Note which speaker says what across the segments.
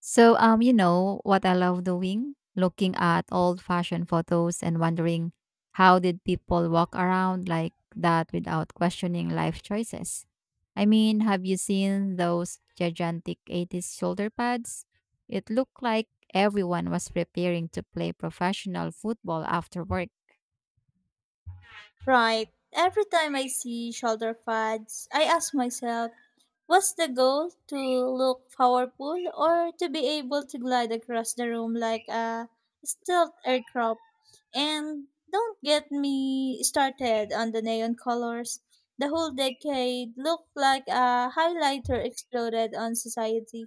Speaker 1: You know what I love doing? Looking at old fashioned photos and wondering how did people walk around like that without questioning life choices? I mean, have you seen those gigantic 80s shoulder pads? It looked like everyone was preparing to play professional football after work.
Speaker 2: Right. Every time I see shoulder pads, I ask myself, what's the goal? To look powerful or to be able to glide across the room like a stealth aircraft? And don't get me started on the neon colors. The whole decade looked like a highlighter exploded on society.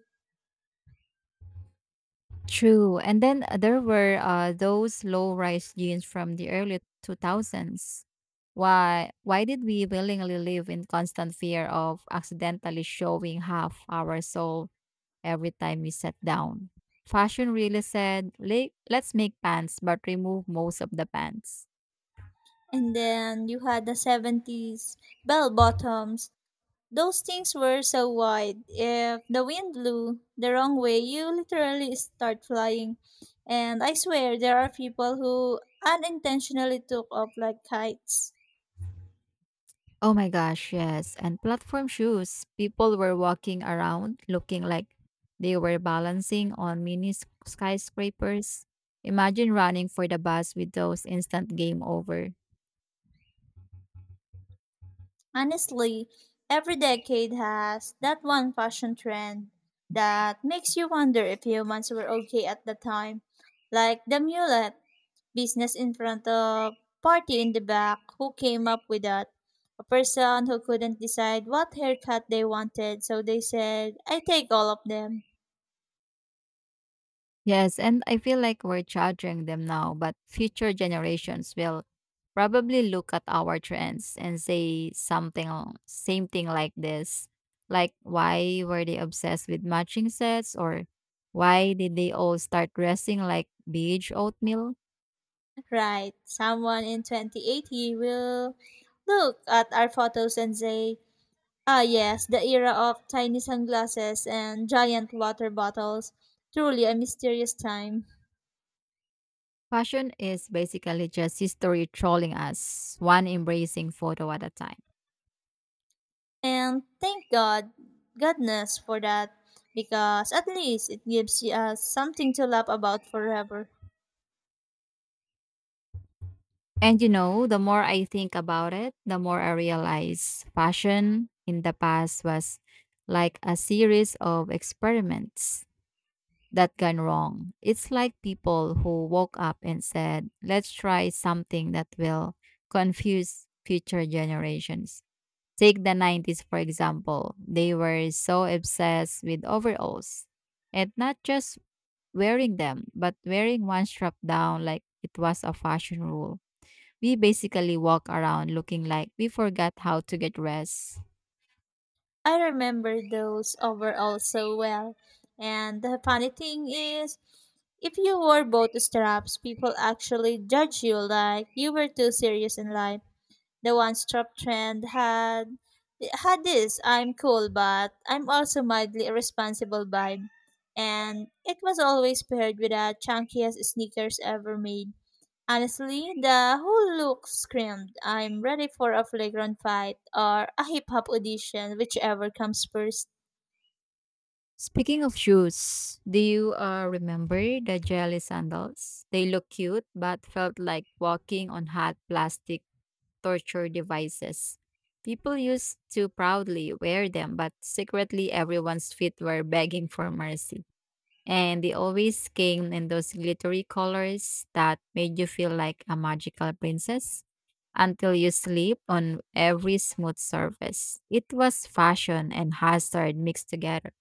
Speaker 1: True. And then there were those low-rise jeans from the early 2000s. Why did we willingly live in constant fear of accidentally showing half our soul every time we sat down? Fashion really said, Let's make pants but remove most of the pants."
Speaker 2: And then you had the 70s bell bottoms. Those things were so wide. If the wind blew the wrong way, you literally start flying. And I swear there are people who unintentionally took off like kites.
Speaker 1: Oh my gosh, yes. And platform shoes. People were walking around looking like they were balancing on mini skyscrapers. Imagine running for the bus with those. Instant game over.
Speaker 2: Honestly, every decade has that one fashion trend that makes you wonder if humans were okay at the time. Like the mullet, business in front of, party in the back, who came up with that? A person who couldn't decide what haircut they wanted, so they said, I take all of them.
Speaker 1: Yes, and I feel like we're charging them now, but future generations will probably look at our trends and say something same thing like this. Like, why were they obsessed with matching sets, or why did they all start dressing like beige oatmeal?
Speaker 2: Right, someone in 2080 will look at our photos and say, ah, yes, the era of tiny sunglasses and giant water bottles. Truly a mysterious time.
Speaker 1: Fashion is basically just history trolling us, one embracing photo at a time.
Speaker 2: And thank God, goodness for that, because at least it gives us something to laugh about forever.
Speaker 1: The more I think about it, the more I realize fashion in the past was like a series of experiments that gone wrong. It's like people who woke up and said, let's try something that will confuse future generations. Take the 90s, for example. They were so obsessed with overalls, and not just wearing them, but wearing one strap down like it was a fashion rule. We basically walk around looking like we forgot how to get dressed.
Speaker 2: I remember those overall so well. And the funny thing is, if you wore both straps, people actually judge you like you were too serious in life. The one strap trend had this I'm cool but I'm also mildly irresponsible vibe. And it was always paired with the chunkiest sneakers ever made. Honestly, the whole look screamed, I'm ready for a flagrant fight or a hip hop audition, whichever comes first.
Speaker 1: Speaking of shoes, do you remember the jelly sandals? They look cute but felt like walking on hot plastic torture devices. People used to proudly wear them, but secretly everyone's feet were begging for mercy. And they always came in those glittery colors that made you feel like a magical princess until you sleep on every smooth surface. It was fashion and hazard mixed together.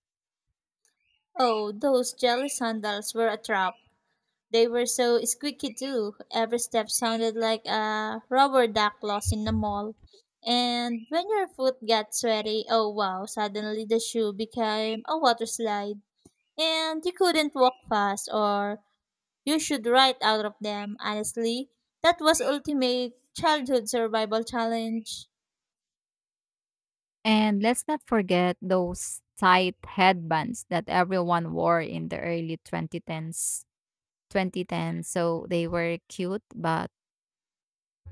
Speaker 2: Oh, those jelly sandals were a trap. They were so squeaky too. Every step sounded like a rubber duck lost in the mall. And when your foot got sweaty, oh wow, suddenly the shoe became a water slide. And you couldn't walk fast or you should right out of them. Honestly, that was ultimate childhood survival challenge.
Speaker 1: And let's not forget those tight headbands that everyone wore in the early 2010s. 2010. So they were cute, but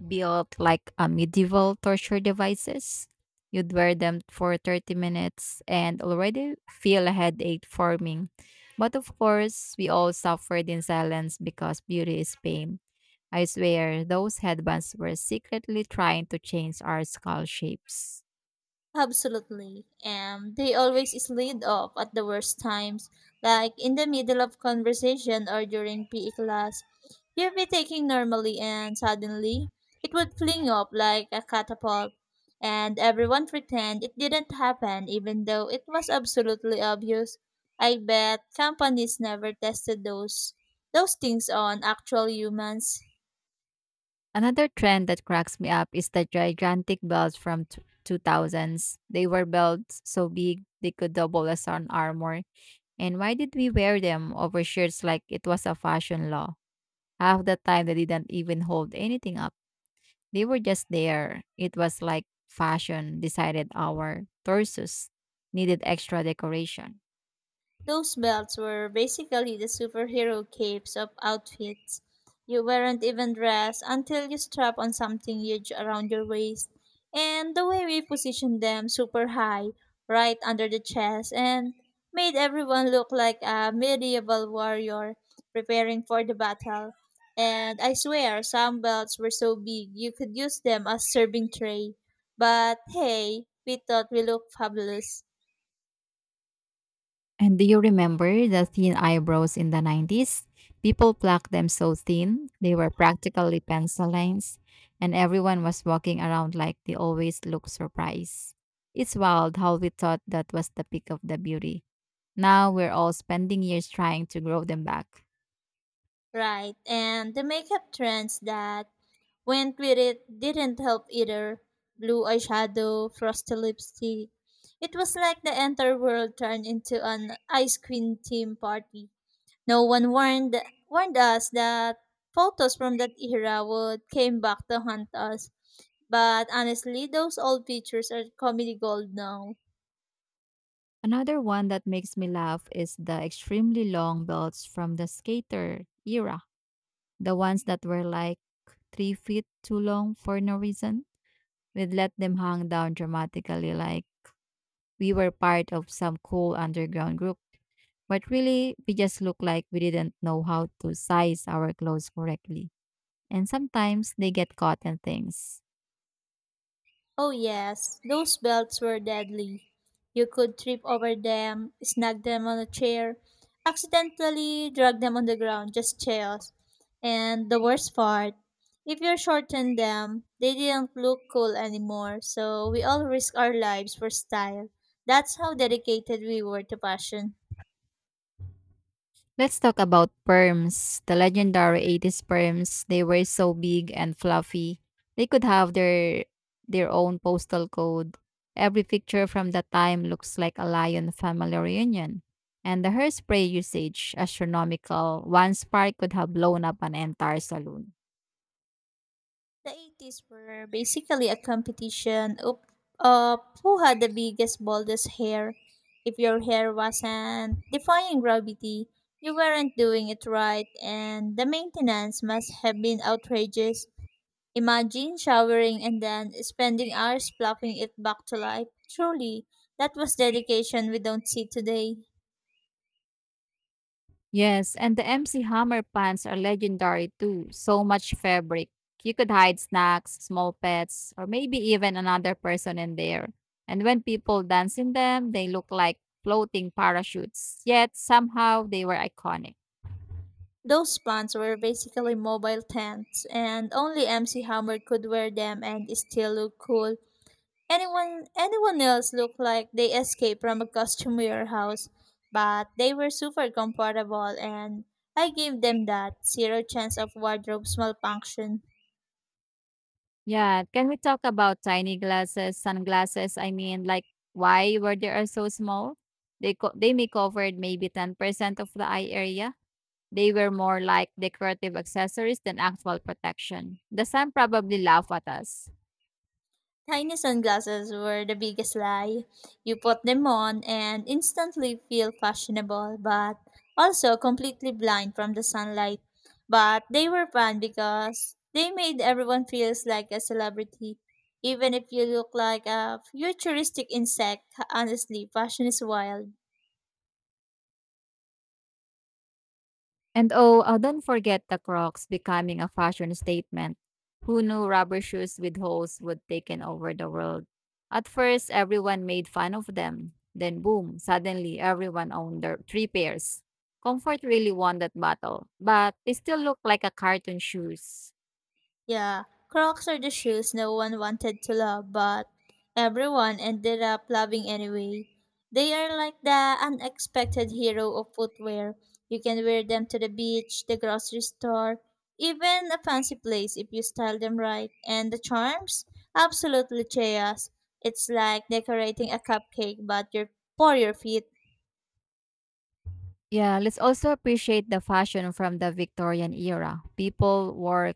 Speaker 1: built like a medieval torture devices. You'd wear them for 30 minutes and already feel a headache forming. But of course, we all suffered in silence because beauty is pain. I swear, those headbands were secretly trying to change our skull shapes.
Speaker 2: Absolutely. And they always slid off at the worst times, like in the middle of conversation or during PE class. You'd be taking normally and suddenly it would fling up like a catapult. And everyone pretend it didn't happen even though it was absolutely obvious. I bet companies never tested those things on actual humans.
Speaker 1: Another trend that cracks me up is the gigantic belts from 2000s. They were belts so big they could double as an armor. And why did we wear them over shirts like it was a fashion law? Half the time, they didn't even hold anything up. They were just there. It was like fashion decided our torsos needed extra decoration.
Speaker 2: Those belts were basically the superhero capes of outfits. You weren't even dressed until you strap on something huge around your waist. And the way we positioned them super high, right under the chest, and made everyone look like a medieval warrior preparing for the battle. And I swear, some belts were so big you could use them as serving tray. But hey, we thought we looked fabulous.
Speaker 1: And do you remember the thin eyebrows in the 90s? People plucked them so thin, they were practically pencil lines, and everyone was walking around like they always look surprised. It's wild how we thought that was the peak of the beauty. Now we're all spending years trying to grow them back.
Speaker 2: Right, and the makeup trends that went with it didn't help either. Blue eyeshadow, frosty lipstick. It was like the entire world turned into an ice cream theme party. No one warned us that photos from that era would came back to haunt us. But honestly, those old pictures are comedy gold now.
Speaker 1: Another one that makes me laugh is the extremely long belts from the skater era, the ones that were like 3 feet too long for no reason. We'd let them hang down dramatically like we were part of some cool underground group. But really, we just looked like we didn't know how to size our clothes correctly. And sometimes they get caught in things.
Speaker 2: Oh, yes, those belts were deadly. You could trip over them, snag them on a chair, accidentally drag them on the ground, just chaos. And the worst part, if you shortened them, they didn't look cool anymore, so we all risked our lives for style. That's how dedicated we were to fashion.
Speaker 1: Let's talk about perms. The legendary 80s perms, they were so big and fluffy. They could have their own postal code. Every picture from that time looks like a lion family reunion. And the hairspray usage, astronomical. One spark could have blown up an entire saloon.
Speaker 2: The 80s were basically a competition of who had the biggest, boldest hair. If your hair wasn't defying gravity, you weren't doing it right, and the maintenance must have been outrageous. Imagine showering and then spending hours plucking it back to life. Truly, that was dedication we don't see today.
Speaker 1: Yes, and the MC Hammer pants are legendary too. So much fabric. You could hide snacks, small pets, or maybe even another person in there. And when people dance in them, they look like floating parachutes. Yet somehow they were iconic.
Speaker 2: Those pants were basically mobile tents, and only MC Hammer could wear them and still look cool. Anyone else looked like they escaped from a costume warehouse, but they were super comfortable and I gave them that zero chance of wardrobe malfunction.
Speaker 1: Yeah, can we talk about tiny glasses, sunglasses? I mean, like, why were they are so small? They may covered maybe 10% of the eye area. They were more like decorative accessories than actual protection. The sun probably laughed at us.
Speaker 2: Tiny sunglasses were the biggest lie. You put them on and instantly feel fashionable, but also completely blind from the sunlight. But they were fun because they made everyone feels like a celebrity. Even if you look like a futuristic insect, honestly, fashion is wild.
Speaker 1: And oh, don't forget the Crocs becoming a fashion statement. Who knew rubber shoes with holes would take over the world? At first, everyone made fun of them. Then, boom, suddenly everyone owned their three pairs. Comfort really won that battle, but they still look like a cartoon shoes.
Speaker 2: Yeah, Crocs are the shoes no one wanted to love, but everyone ended up loving anyway. They are like the unexpected hero of footwear. You can wear them to the beach, the grocery store, even a fancy place if you style them right. And the charms? Absolutely chaos. It's like decorating a cupcake, but you for your feet.
Speaker 1: Yeah, let's also appreciate the fashion from the Victorian era. People wore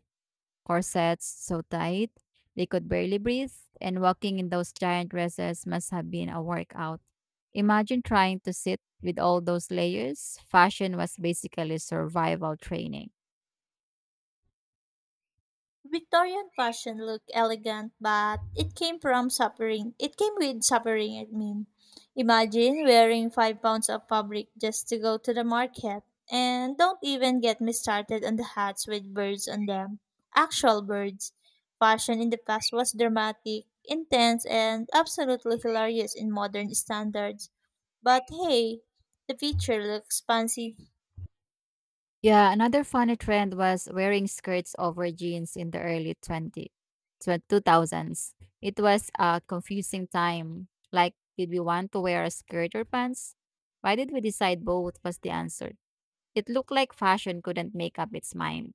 Speaker 1: corsets so tight they could barely breathe, and walking in those giant dresses must have been a workout. Imagine trying to sit with all those layers. Fashion was basically survival training.
Speaker 2: Victorian fashion looked elegant, but it came from suffering. It came with suffering, I mean. Imagine wearing 5 pounds of fabric just to go to the market. And don't even get me started on the hats with birds on them. Actual birds. Fashion in the past was dramatic, intense, and absolutely hilarious in modern standards. But hey, the future looks fancy.
Speaker 1: Yeah, another funny trend was wearing skirts over jeans in the early 2000s. It was a confusing time. Like, did we want to wear a skirt or pants? Why did we decide both was the answer? It looked like fashion couldn't make up its mind.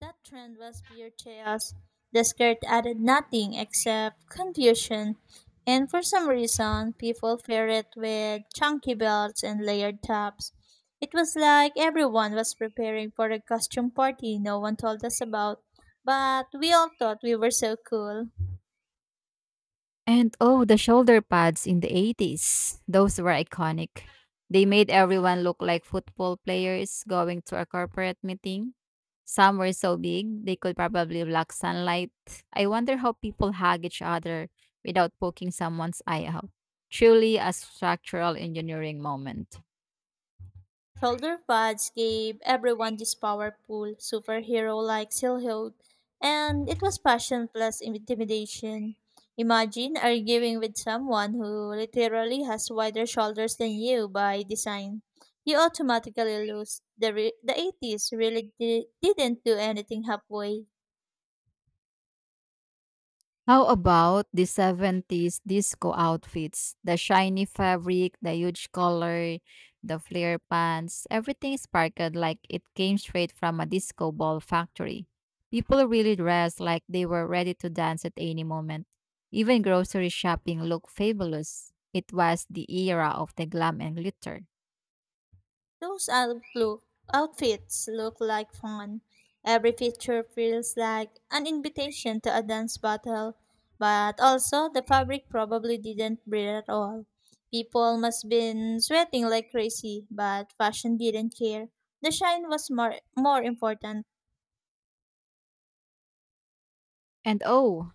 Speaker 2: That trend was pure chaos. The skirt added nothing except confusion, and for some reason, people paired it with chunky belts and layered tops. It was like everyone was preparing for a costume party no one told us about, but we all thought we were so cool.
Speaker 1: And oh, the shoulder pads in the 80s. Those were iconic. They made everyone look like football players going to a corporate meeting. Some were so big, they could probably block sunlight. I wonder how people hug each other without poking someone's eye out. Truly a structural engineering moment.
Speaker 2: Shoulder pads gave everyone this powerful, superhero like silhouette, and it was passion plus intimidation. Imagine arguing with someone who literally has wider shoulders than you by design. You automatically lose. The 80s really didn't do anything halfway.
Speaker 1: How about the 70s disco outfits? The shiny fabric, the huge collar, the flare pants, everything sparkled like it came straight from a disco ball factory. People really dressed like they were ready to dance at any moment. Even grocery shopping looked fabulous. It was the era of the glam and glitter.
Speaker 2: Those outlook outfits look like fun. Every picture feels like an invitation to a dance battle, but also the fabric probably didn't breathe at all. People must been sweating like crazy, but fashion didn't care. The shine was more important.
Speaker 1: And oh,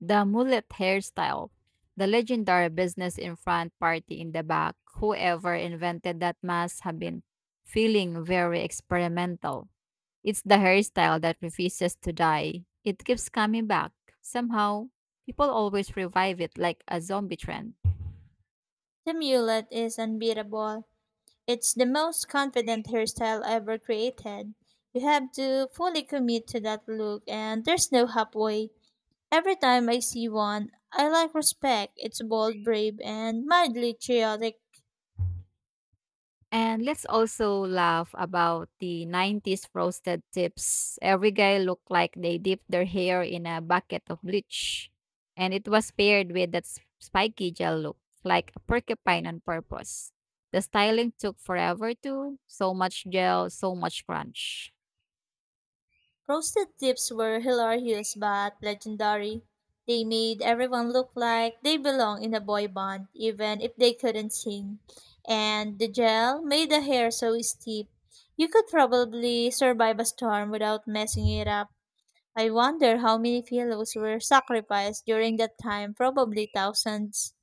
Speaker 1: the mullet hairstyle. The legendary business in front, party in the back. Whoever invented that must have been feeling very experimental. It's the hairstyle that refuses to die. It keeps coming back. Somehow, people always revive it like a zombie trend.
Speaker 2: The mullet is unbeatable. It's the most confident hairstyle ever created. You have to fully commit to that look and there's no halfway. Every time I see one, I like respect. It's bold, brave, and mildly chaotic.
Speaker 1: And let's also laugh about the 90s frosted tips. Every guy looked like they dipped their hair in a bucket of bleach. And it was paired with that spiky gel look, like a porcupine on purpose. The styling took forever too. So much gel, so much crunch.
Speaker 2: Roasted tips were hilarious but legendary. They made everyone look like they belong in a boy band, even if they couldn't sing. And the gel made the hair so steep. You could probably survive a storm without messing it up. I wonder how many fellows were sacrificed during that time, probably thousands.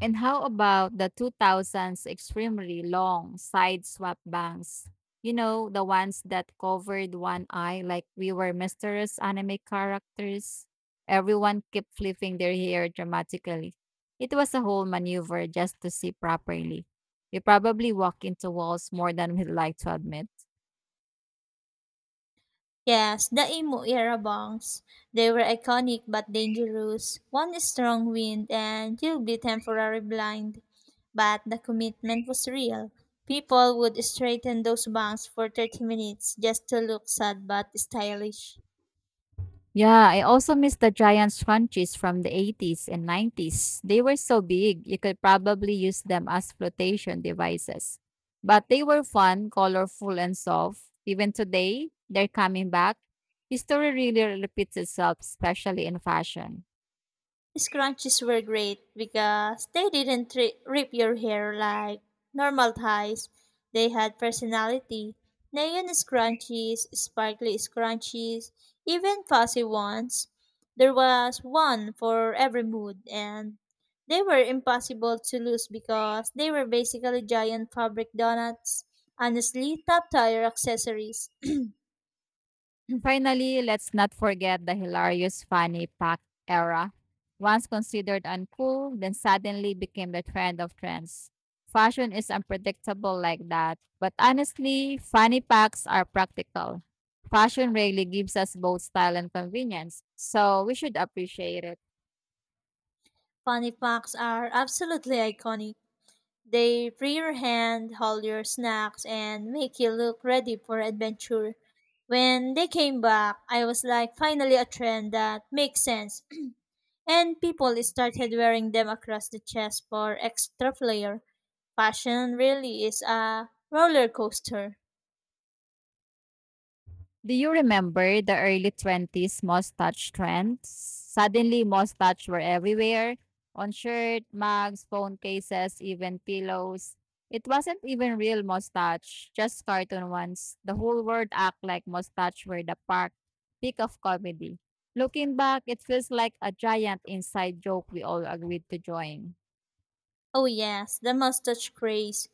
Speaker 1: And how about the 2000s extremely long side swap bangs? You know, the ones that covered one eye like we were mysterious anime characters. Everyone kept flipping their hair dramatically. It was a whole maneuver just to see properly. We probably walk into walls more than we'd like to admit.
Speaker 2: Yes, the Imo era bongs. They were iconic but dangerous. One strong wind and you'll be temporarily blind. But the commitment was real. People would straighten those bongs for 30 minutes just to look sad but stylish.
Speaker 1: Yeah, I also miss the Giants scrunchies from the 80s and 90s. They were so big, you could probably use them as flotation devices. But they were fun, colorful, and soft. Even today, they're coming back. History really repeats itself, especially in fashion.
Speaker 2: Scrunchies were great because they didn't rip your hair like normal ties. They had personality. Neon scrunchies, sparkly scrunchies, even fuzzy ones. There was one for every mood, and they were impossible to lose because they were basically giant fabric donuts. Honestly, top tier accessories.
Speaker 1: Finally, let's not forget the hilarious funny pack era. Once considered uncool, then suddenly became the trend of trends. Fashion is unpredictable like that, but honestly, funny packs are practical. Fashion really gives us both style and convenience, so we should appreciate it.
Speaker 2: Funny facts are absolutely iconic. They free your hand, hold your snacks, and make you look ready for adventure. When they came back, I was like, finally a trend that makes sense. And people started wearing them across the chest for extra flair. Fashion really is a roller coaster.
Speaker 1: Do you remember the early 20s mustache trends? Suddenly, mustache were everywhere, on shirt, mugs, phone cases, even pillows. It wasn't even real mustache, just cartoon ones. The whole world act like mustache were the park peak of comedy. Looking back, it feels like a giant inside joke we all agreed to join.
Speaker 2: Oh, yes, the mustache craze.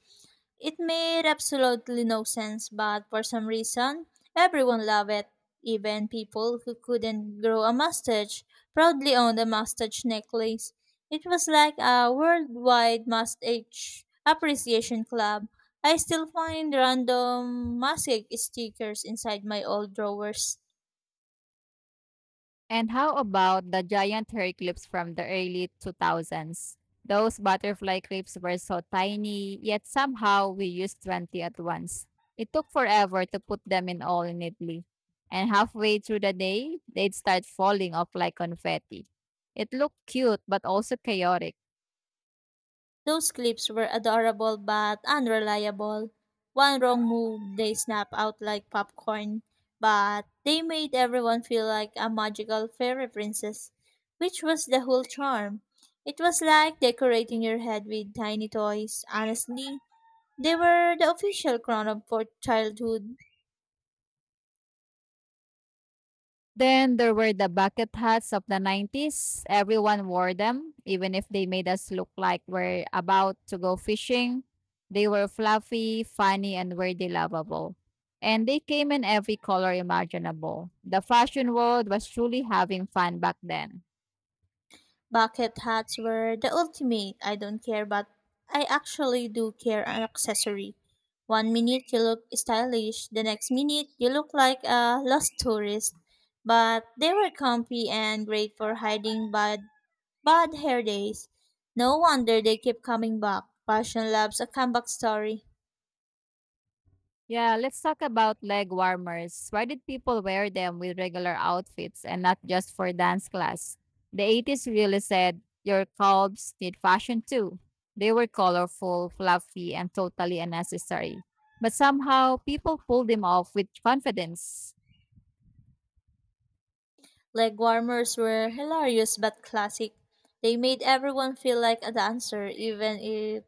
Speaker 2: It made absolutely no sense, but for some reason, everyone loved it. Even people who couldn't grow a mustache proudly owned a mustache necklace. It was like a worldwide mustache appreciation club. I still find random mustache stickers inside my old drawers.
Speaker 1: And how about the giant hair clips from the early 2000s? Those butterfly clips were so tiny, yet somehow we used 20 at once. It took forever to put them in all neatly. And halfway through the day, they'd start falling off like confetti. It looked cute, but also chaotic.
Speaker 2: Those clips were adorable but unreliable. One wrong move, they snap out like popcorn, but they made everyone feel like a magical fairy princess, which was the whole charm. It was like decorating your head with tiny toys. Honestly, they were the official crown of for childhood.
Speaker 1: Then there were the bucket hats of the 90s. Everyone wore them, even if they made us look like we're about to go fishing. They were fluffy, funny, and weirdly lovable. And they came in every color imaginable. The fashion world was truly having fun back then.
Speaker 2: Bucket hats were the ultimate I don't care but I actually do care an accessory. One minute you look stylish, the next minute you look like a lost tourist. But they were comfy and great for hiding bad hair days. No wonder they keep coming back. Fashion loves a comeback story.
Speaker 1: Yeah, let's talk about leg warmers. Why did people wear them with regular outfits and not just for dance class? The 80s really said your calves need fashion too. They were colorful, fluffy, and totally unnecessary. But somehow people pulled them off with confidence.
Speaker 2: Leg warmers were hilarious but classic. They made everyone feel like a dancer even if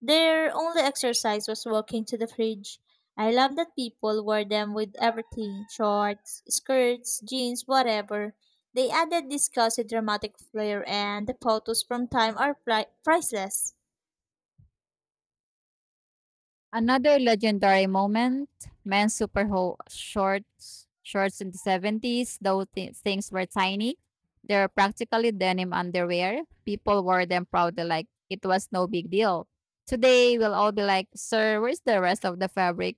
Speaker 2: their only exercise was walking to the fridge. I love that people wore them with everything shorts, skirts, jeans, whatever. They added this cozy dramatic flair, and the photos from time are priceless.
Speaker 1: Another legendary moment, men's super shorts in the 70s, though things were tiny. They were practically denim underwear. People wore them proudly like it was no big deal. Today, we'll all be like, sir, where's the rest of the fabric?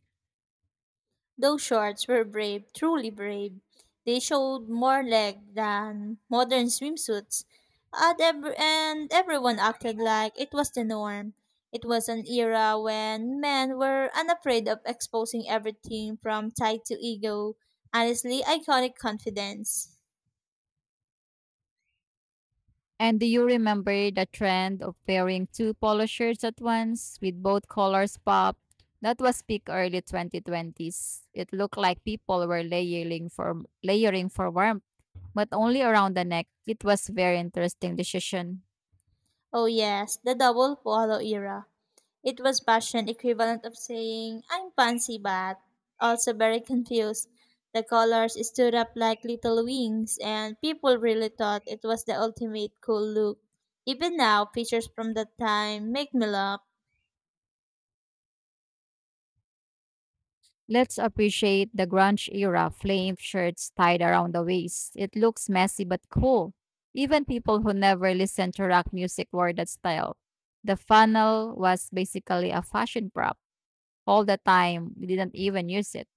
Speaker 2: Those shorts were brave, truly brave. They showed more leg than modern swimsuits, and everyone acted like it was the norm. It was an era when men were unafraid of exposing everything from tight to ego. Honestly, iconic confidence.
Speaker 1: And do you remember the trend of wearing two polo shirts at once with both colors pop? That was peak early 2020s. It looked like people were layering for warmth, but only around the neck. It was very interesting decision.
Speaker 2: Oh yes, the double polo era. It was fashion equivalent of saying, I'm fancy but also very confused. The colors stood up like little wings and people really thought it was the ultimate cool look. Even now, pictures from that time make me laugh.
Speaker 1: Let's appreciate the grunge era flame shirts tied around the waist. It looks messy but cool. Even people who never listened to rock music wore that style. The funnel was basically a fashion prop all the time. We didn't even use it.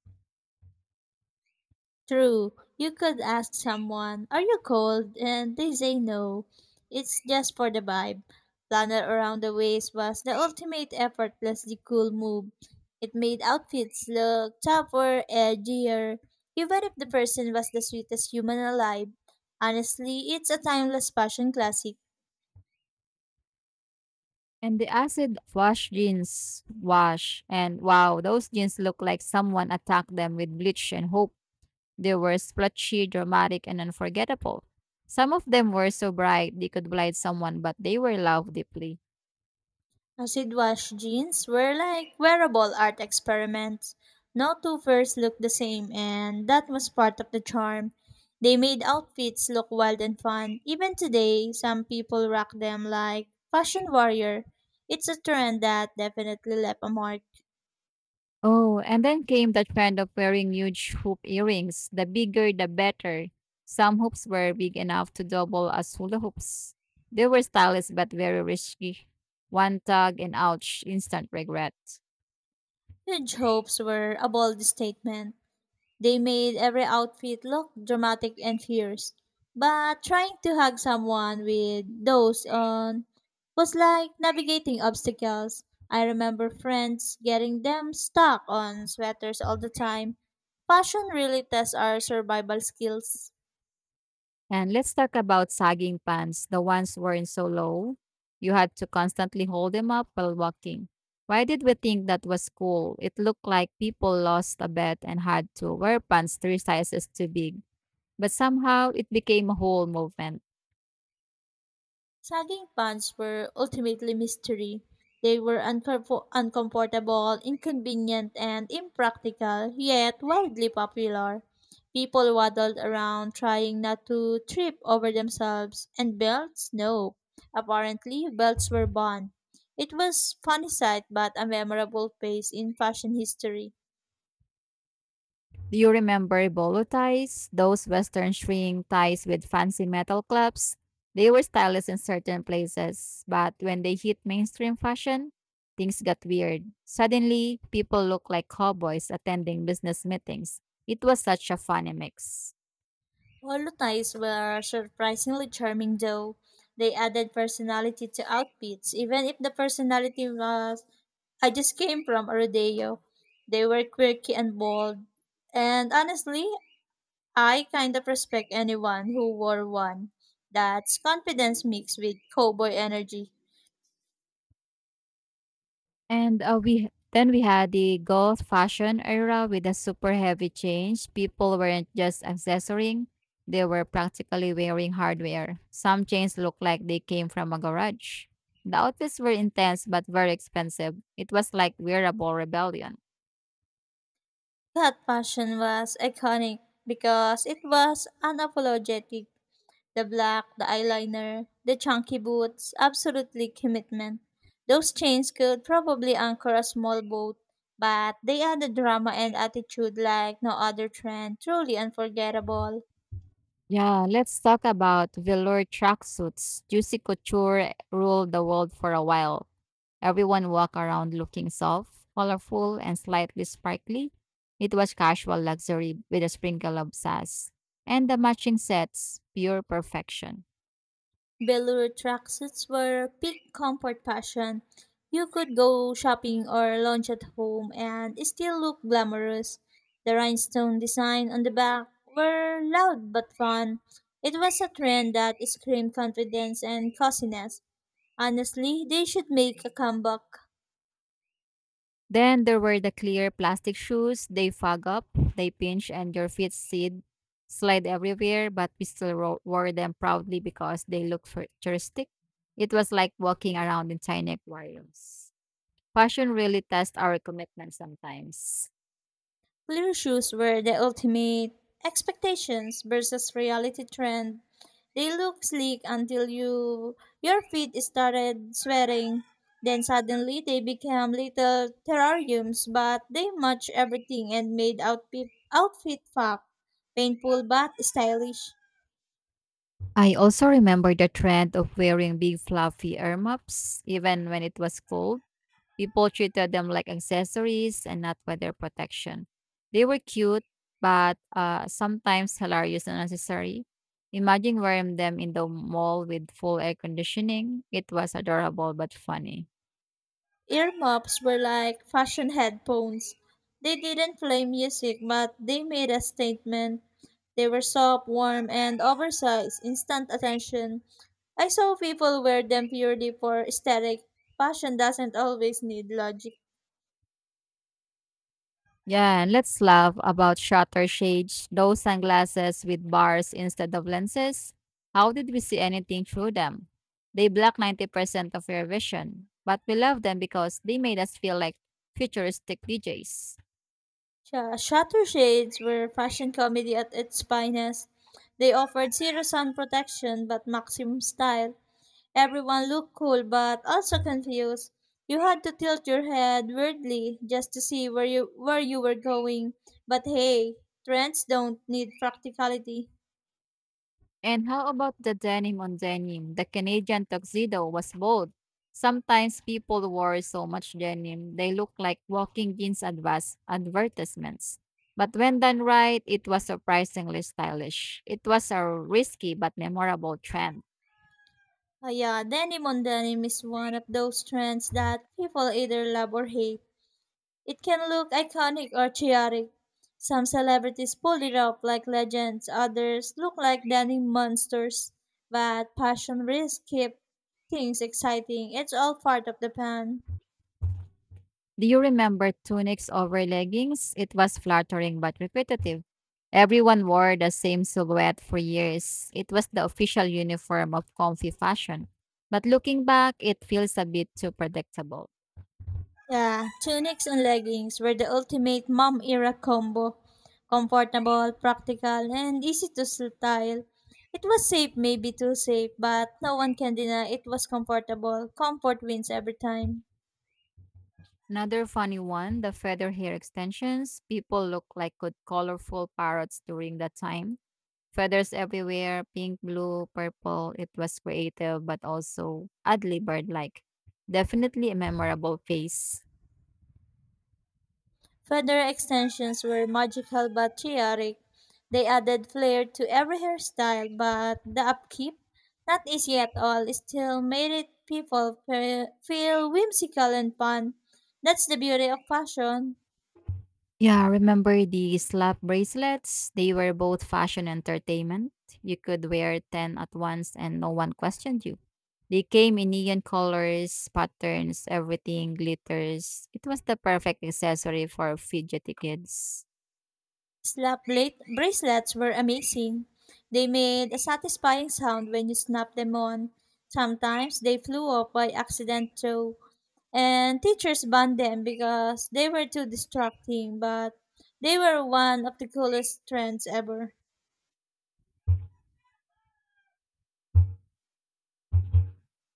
Speaker 2: True, you could ask someone, are you cold? And they say no. It's just for the vibe. Flannel around the waist was the ultimate effortlessly cool move. It made outfits look tougher, edgier, even if the person was the sweetest human alive. Honestly, it's a timeless fashion classic.
Speaker 1: And the acid wash jeans wash. And wow, those jeans look like someone attacked them with bleach and hope they were splotchy, dramatic, and unforgettable. Some of them were so bright they could blind someone, but they were loved deeply.
Speaker 2: Acid wash jeans were like wearable art experiments. No two pairs looked the same, and that was part of the charm. They made outfits look wild and fun. Even today, some people rock them like fashion warrior. It's a trend that definitely left a mark.
Speaker 1: Oh, and then came the trend of wearing huge hoop earrings. The bigger, the better. Some hoops were big enough to double as hula hoops. They were stylish but very risky. One tug and ouch, instant regret.
Speaker 2: Huge hopes were a bold statement. They made every outfit look dramatic and fierce. But trying to hug someone with those on was like navigating obstacles. I remember friends getting them stuck on sweaters all the time. Fashion really tests our survival skills.
Speaker 1: And let's talk about sagging pants, the ones worn so low you had to constantly hold them up while walking. Why did we think that was cool? It looked like people lost a bet and had to wear pants three sizes too big, but somehow it became a whole movement.
Speaker 2: Sagging pants were ultimately mystery. They were uncomfortable, inconvenient, and impractical, yet wildly popular. People waddled around trying not to trip over themselves, and belts? No. Apparently, belts were banned. It was funny sight but a memorable phase in fashion history.
Speaker 1: Do you remember bolo ties? Those Western string ties with fancy metal clubs? They were stylish in certain places, but when they hit mainstream fashion, things got weird. Suddenly, people look like cowboys attending business meetings. It was such a funny mix.
Speaker 2: Polo ties were surprisingly charming though. They added personality to outfits, even if the personality was I just came from a rodeo. They were quirky and bold. And honestly, I kind of respect anyone who wore one. That's confidence mixed with cowboy energy.
Speaker 1: And we then we had the goth fashion era with a super heavy change. People weren't just accessorying; they were practically wearing hardware. Some chains looked like they came from a garage. The outfits were intense but very expensive. It was like wearable rebellion.
Speaker 2: That fashion was iconic because it was unapologetic. The black, the eyeliner, the chunky boots, absolutely commitment. Those chains could probably anchor a small boat, but they added drama and attitude like no other trend, truly unforgettable.
Speaker 1: Yeah, let's talk about velour tracksuits. Juicy Couture ruled the world for a while. Everyone walked around looking soft, colorful, and slightly sparkly. It was casual luxury with a sprinkle of sass. And the matching sets, pure perfection.
Speaker 2: Velour tracksuits were peak comfort fashion. You could go shopping or lounge at home and still look glamorous. The rhinestone design on the back were loud but fun. It was a trend that screamed confidence and coziness. Honestly, they should make a comeback.
Speaker 1: Then there were the clear plastic shoes. They fog up, they pinch, and your feet seed slide everywhere, but we still wore them proudly because they look futuristic. It was like walking around in tiny aquariums. Fashion really tests our commitment sometimes.
Speaker 2: Blue shoes were the ultimate expectations versus reality trend. They look sleek until you your feet started sweating. Then suddenly they became little terrariums, but they match everything and made outfit fab. Painful but stylish.
Speaker 1: I also remember the trend of wearing big fluffy earmuffs, even when it was cold. People treated them like accessories and not for their protection. They were cute, but sometimes hilarious and unnecessary. Imagine wearing them in the mall with full air conditioning. It was adorable but funny.
Speaker 2: Earmuffs were like fashion headphones. They didn't play music, but they made a statement. They were soft, warm, and oversized, instant attention. I saw people wear them purely for aesthetic. Fashion doesn't always need logic.
Speaker 1: Yeah, and let's laugh about shutter shades, those sunglasses with bars instead of lenses. How did we see anything through them? They block 90% of your vision, but we love them because they made us feel like futuristic DJs.
Speaker 2: Shutter shades were fashion comedy at its finest. They offered zero sun protection but maximum style. Everyone looked cool but also confused. You had to tilt your head weirdly just to see where you were going. But hey, trends don't need practicality.
Speaker 1: And how about the denim on denim? The Canadian tuxedo was bold. Sometimes people wore so much denim, they look like walking jeans advertisements. But when done right, it was surprisingly stylish. It was a risky but memorable trend.
Speaker 2: Ah yeah, denim on denim is one of those trends that people either love or hate. It can look iconic or chaotic. Some celebrities pull it off like legends, others look like denim monsters. But passion risks keep things exciting. It's all part of the plan.
Speaker 1: Do you remember tunics over leggings? It was flattering but repetitive. Everyone wore the same silhouette for years. It was the official uniform of comfy fashion. But looking back, it feels a bit too predictable.
Speaker 2: Yeah, tunics and leggings were the ultimate mom era combo. Comfortable, practical, and easy to style. It was safe, maybe too safe, but no one can deny it was comfortable. Comfort wins every time.
Speaker 1: Another funny one, the feather hair extensions. People looked like good colorful parrots during that time. Feathers everywhere, pink, blue, purple. It was creative but also oddly bird-like. Definitely a memorable face.
Speaker 2: Feather extensions were magical but chaotic. They added flair to every hairstyle, but the upkeep, not easy at all, still made it people feel whimsical and fun. That's the beauty of fashion.
Speaker 1: Yeah, remember the slap bracelets? They were both fashion and entertainment. You could wear 10 at once and no one questioned you. They came in neon colors, patterns, everything glitters. It was the perfect accessory for fidgety kids.
Speaker 2: Slap-late bracelets were amazing. They made a satisfying sound when you snapped them on. Sometimes they flew off by accident too, and teachers banned them because they were too distracting, but they were one of the coolest trends ever.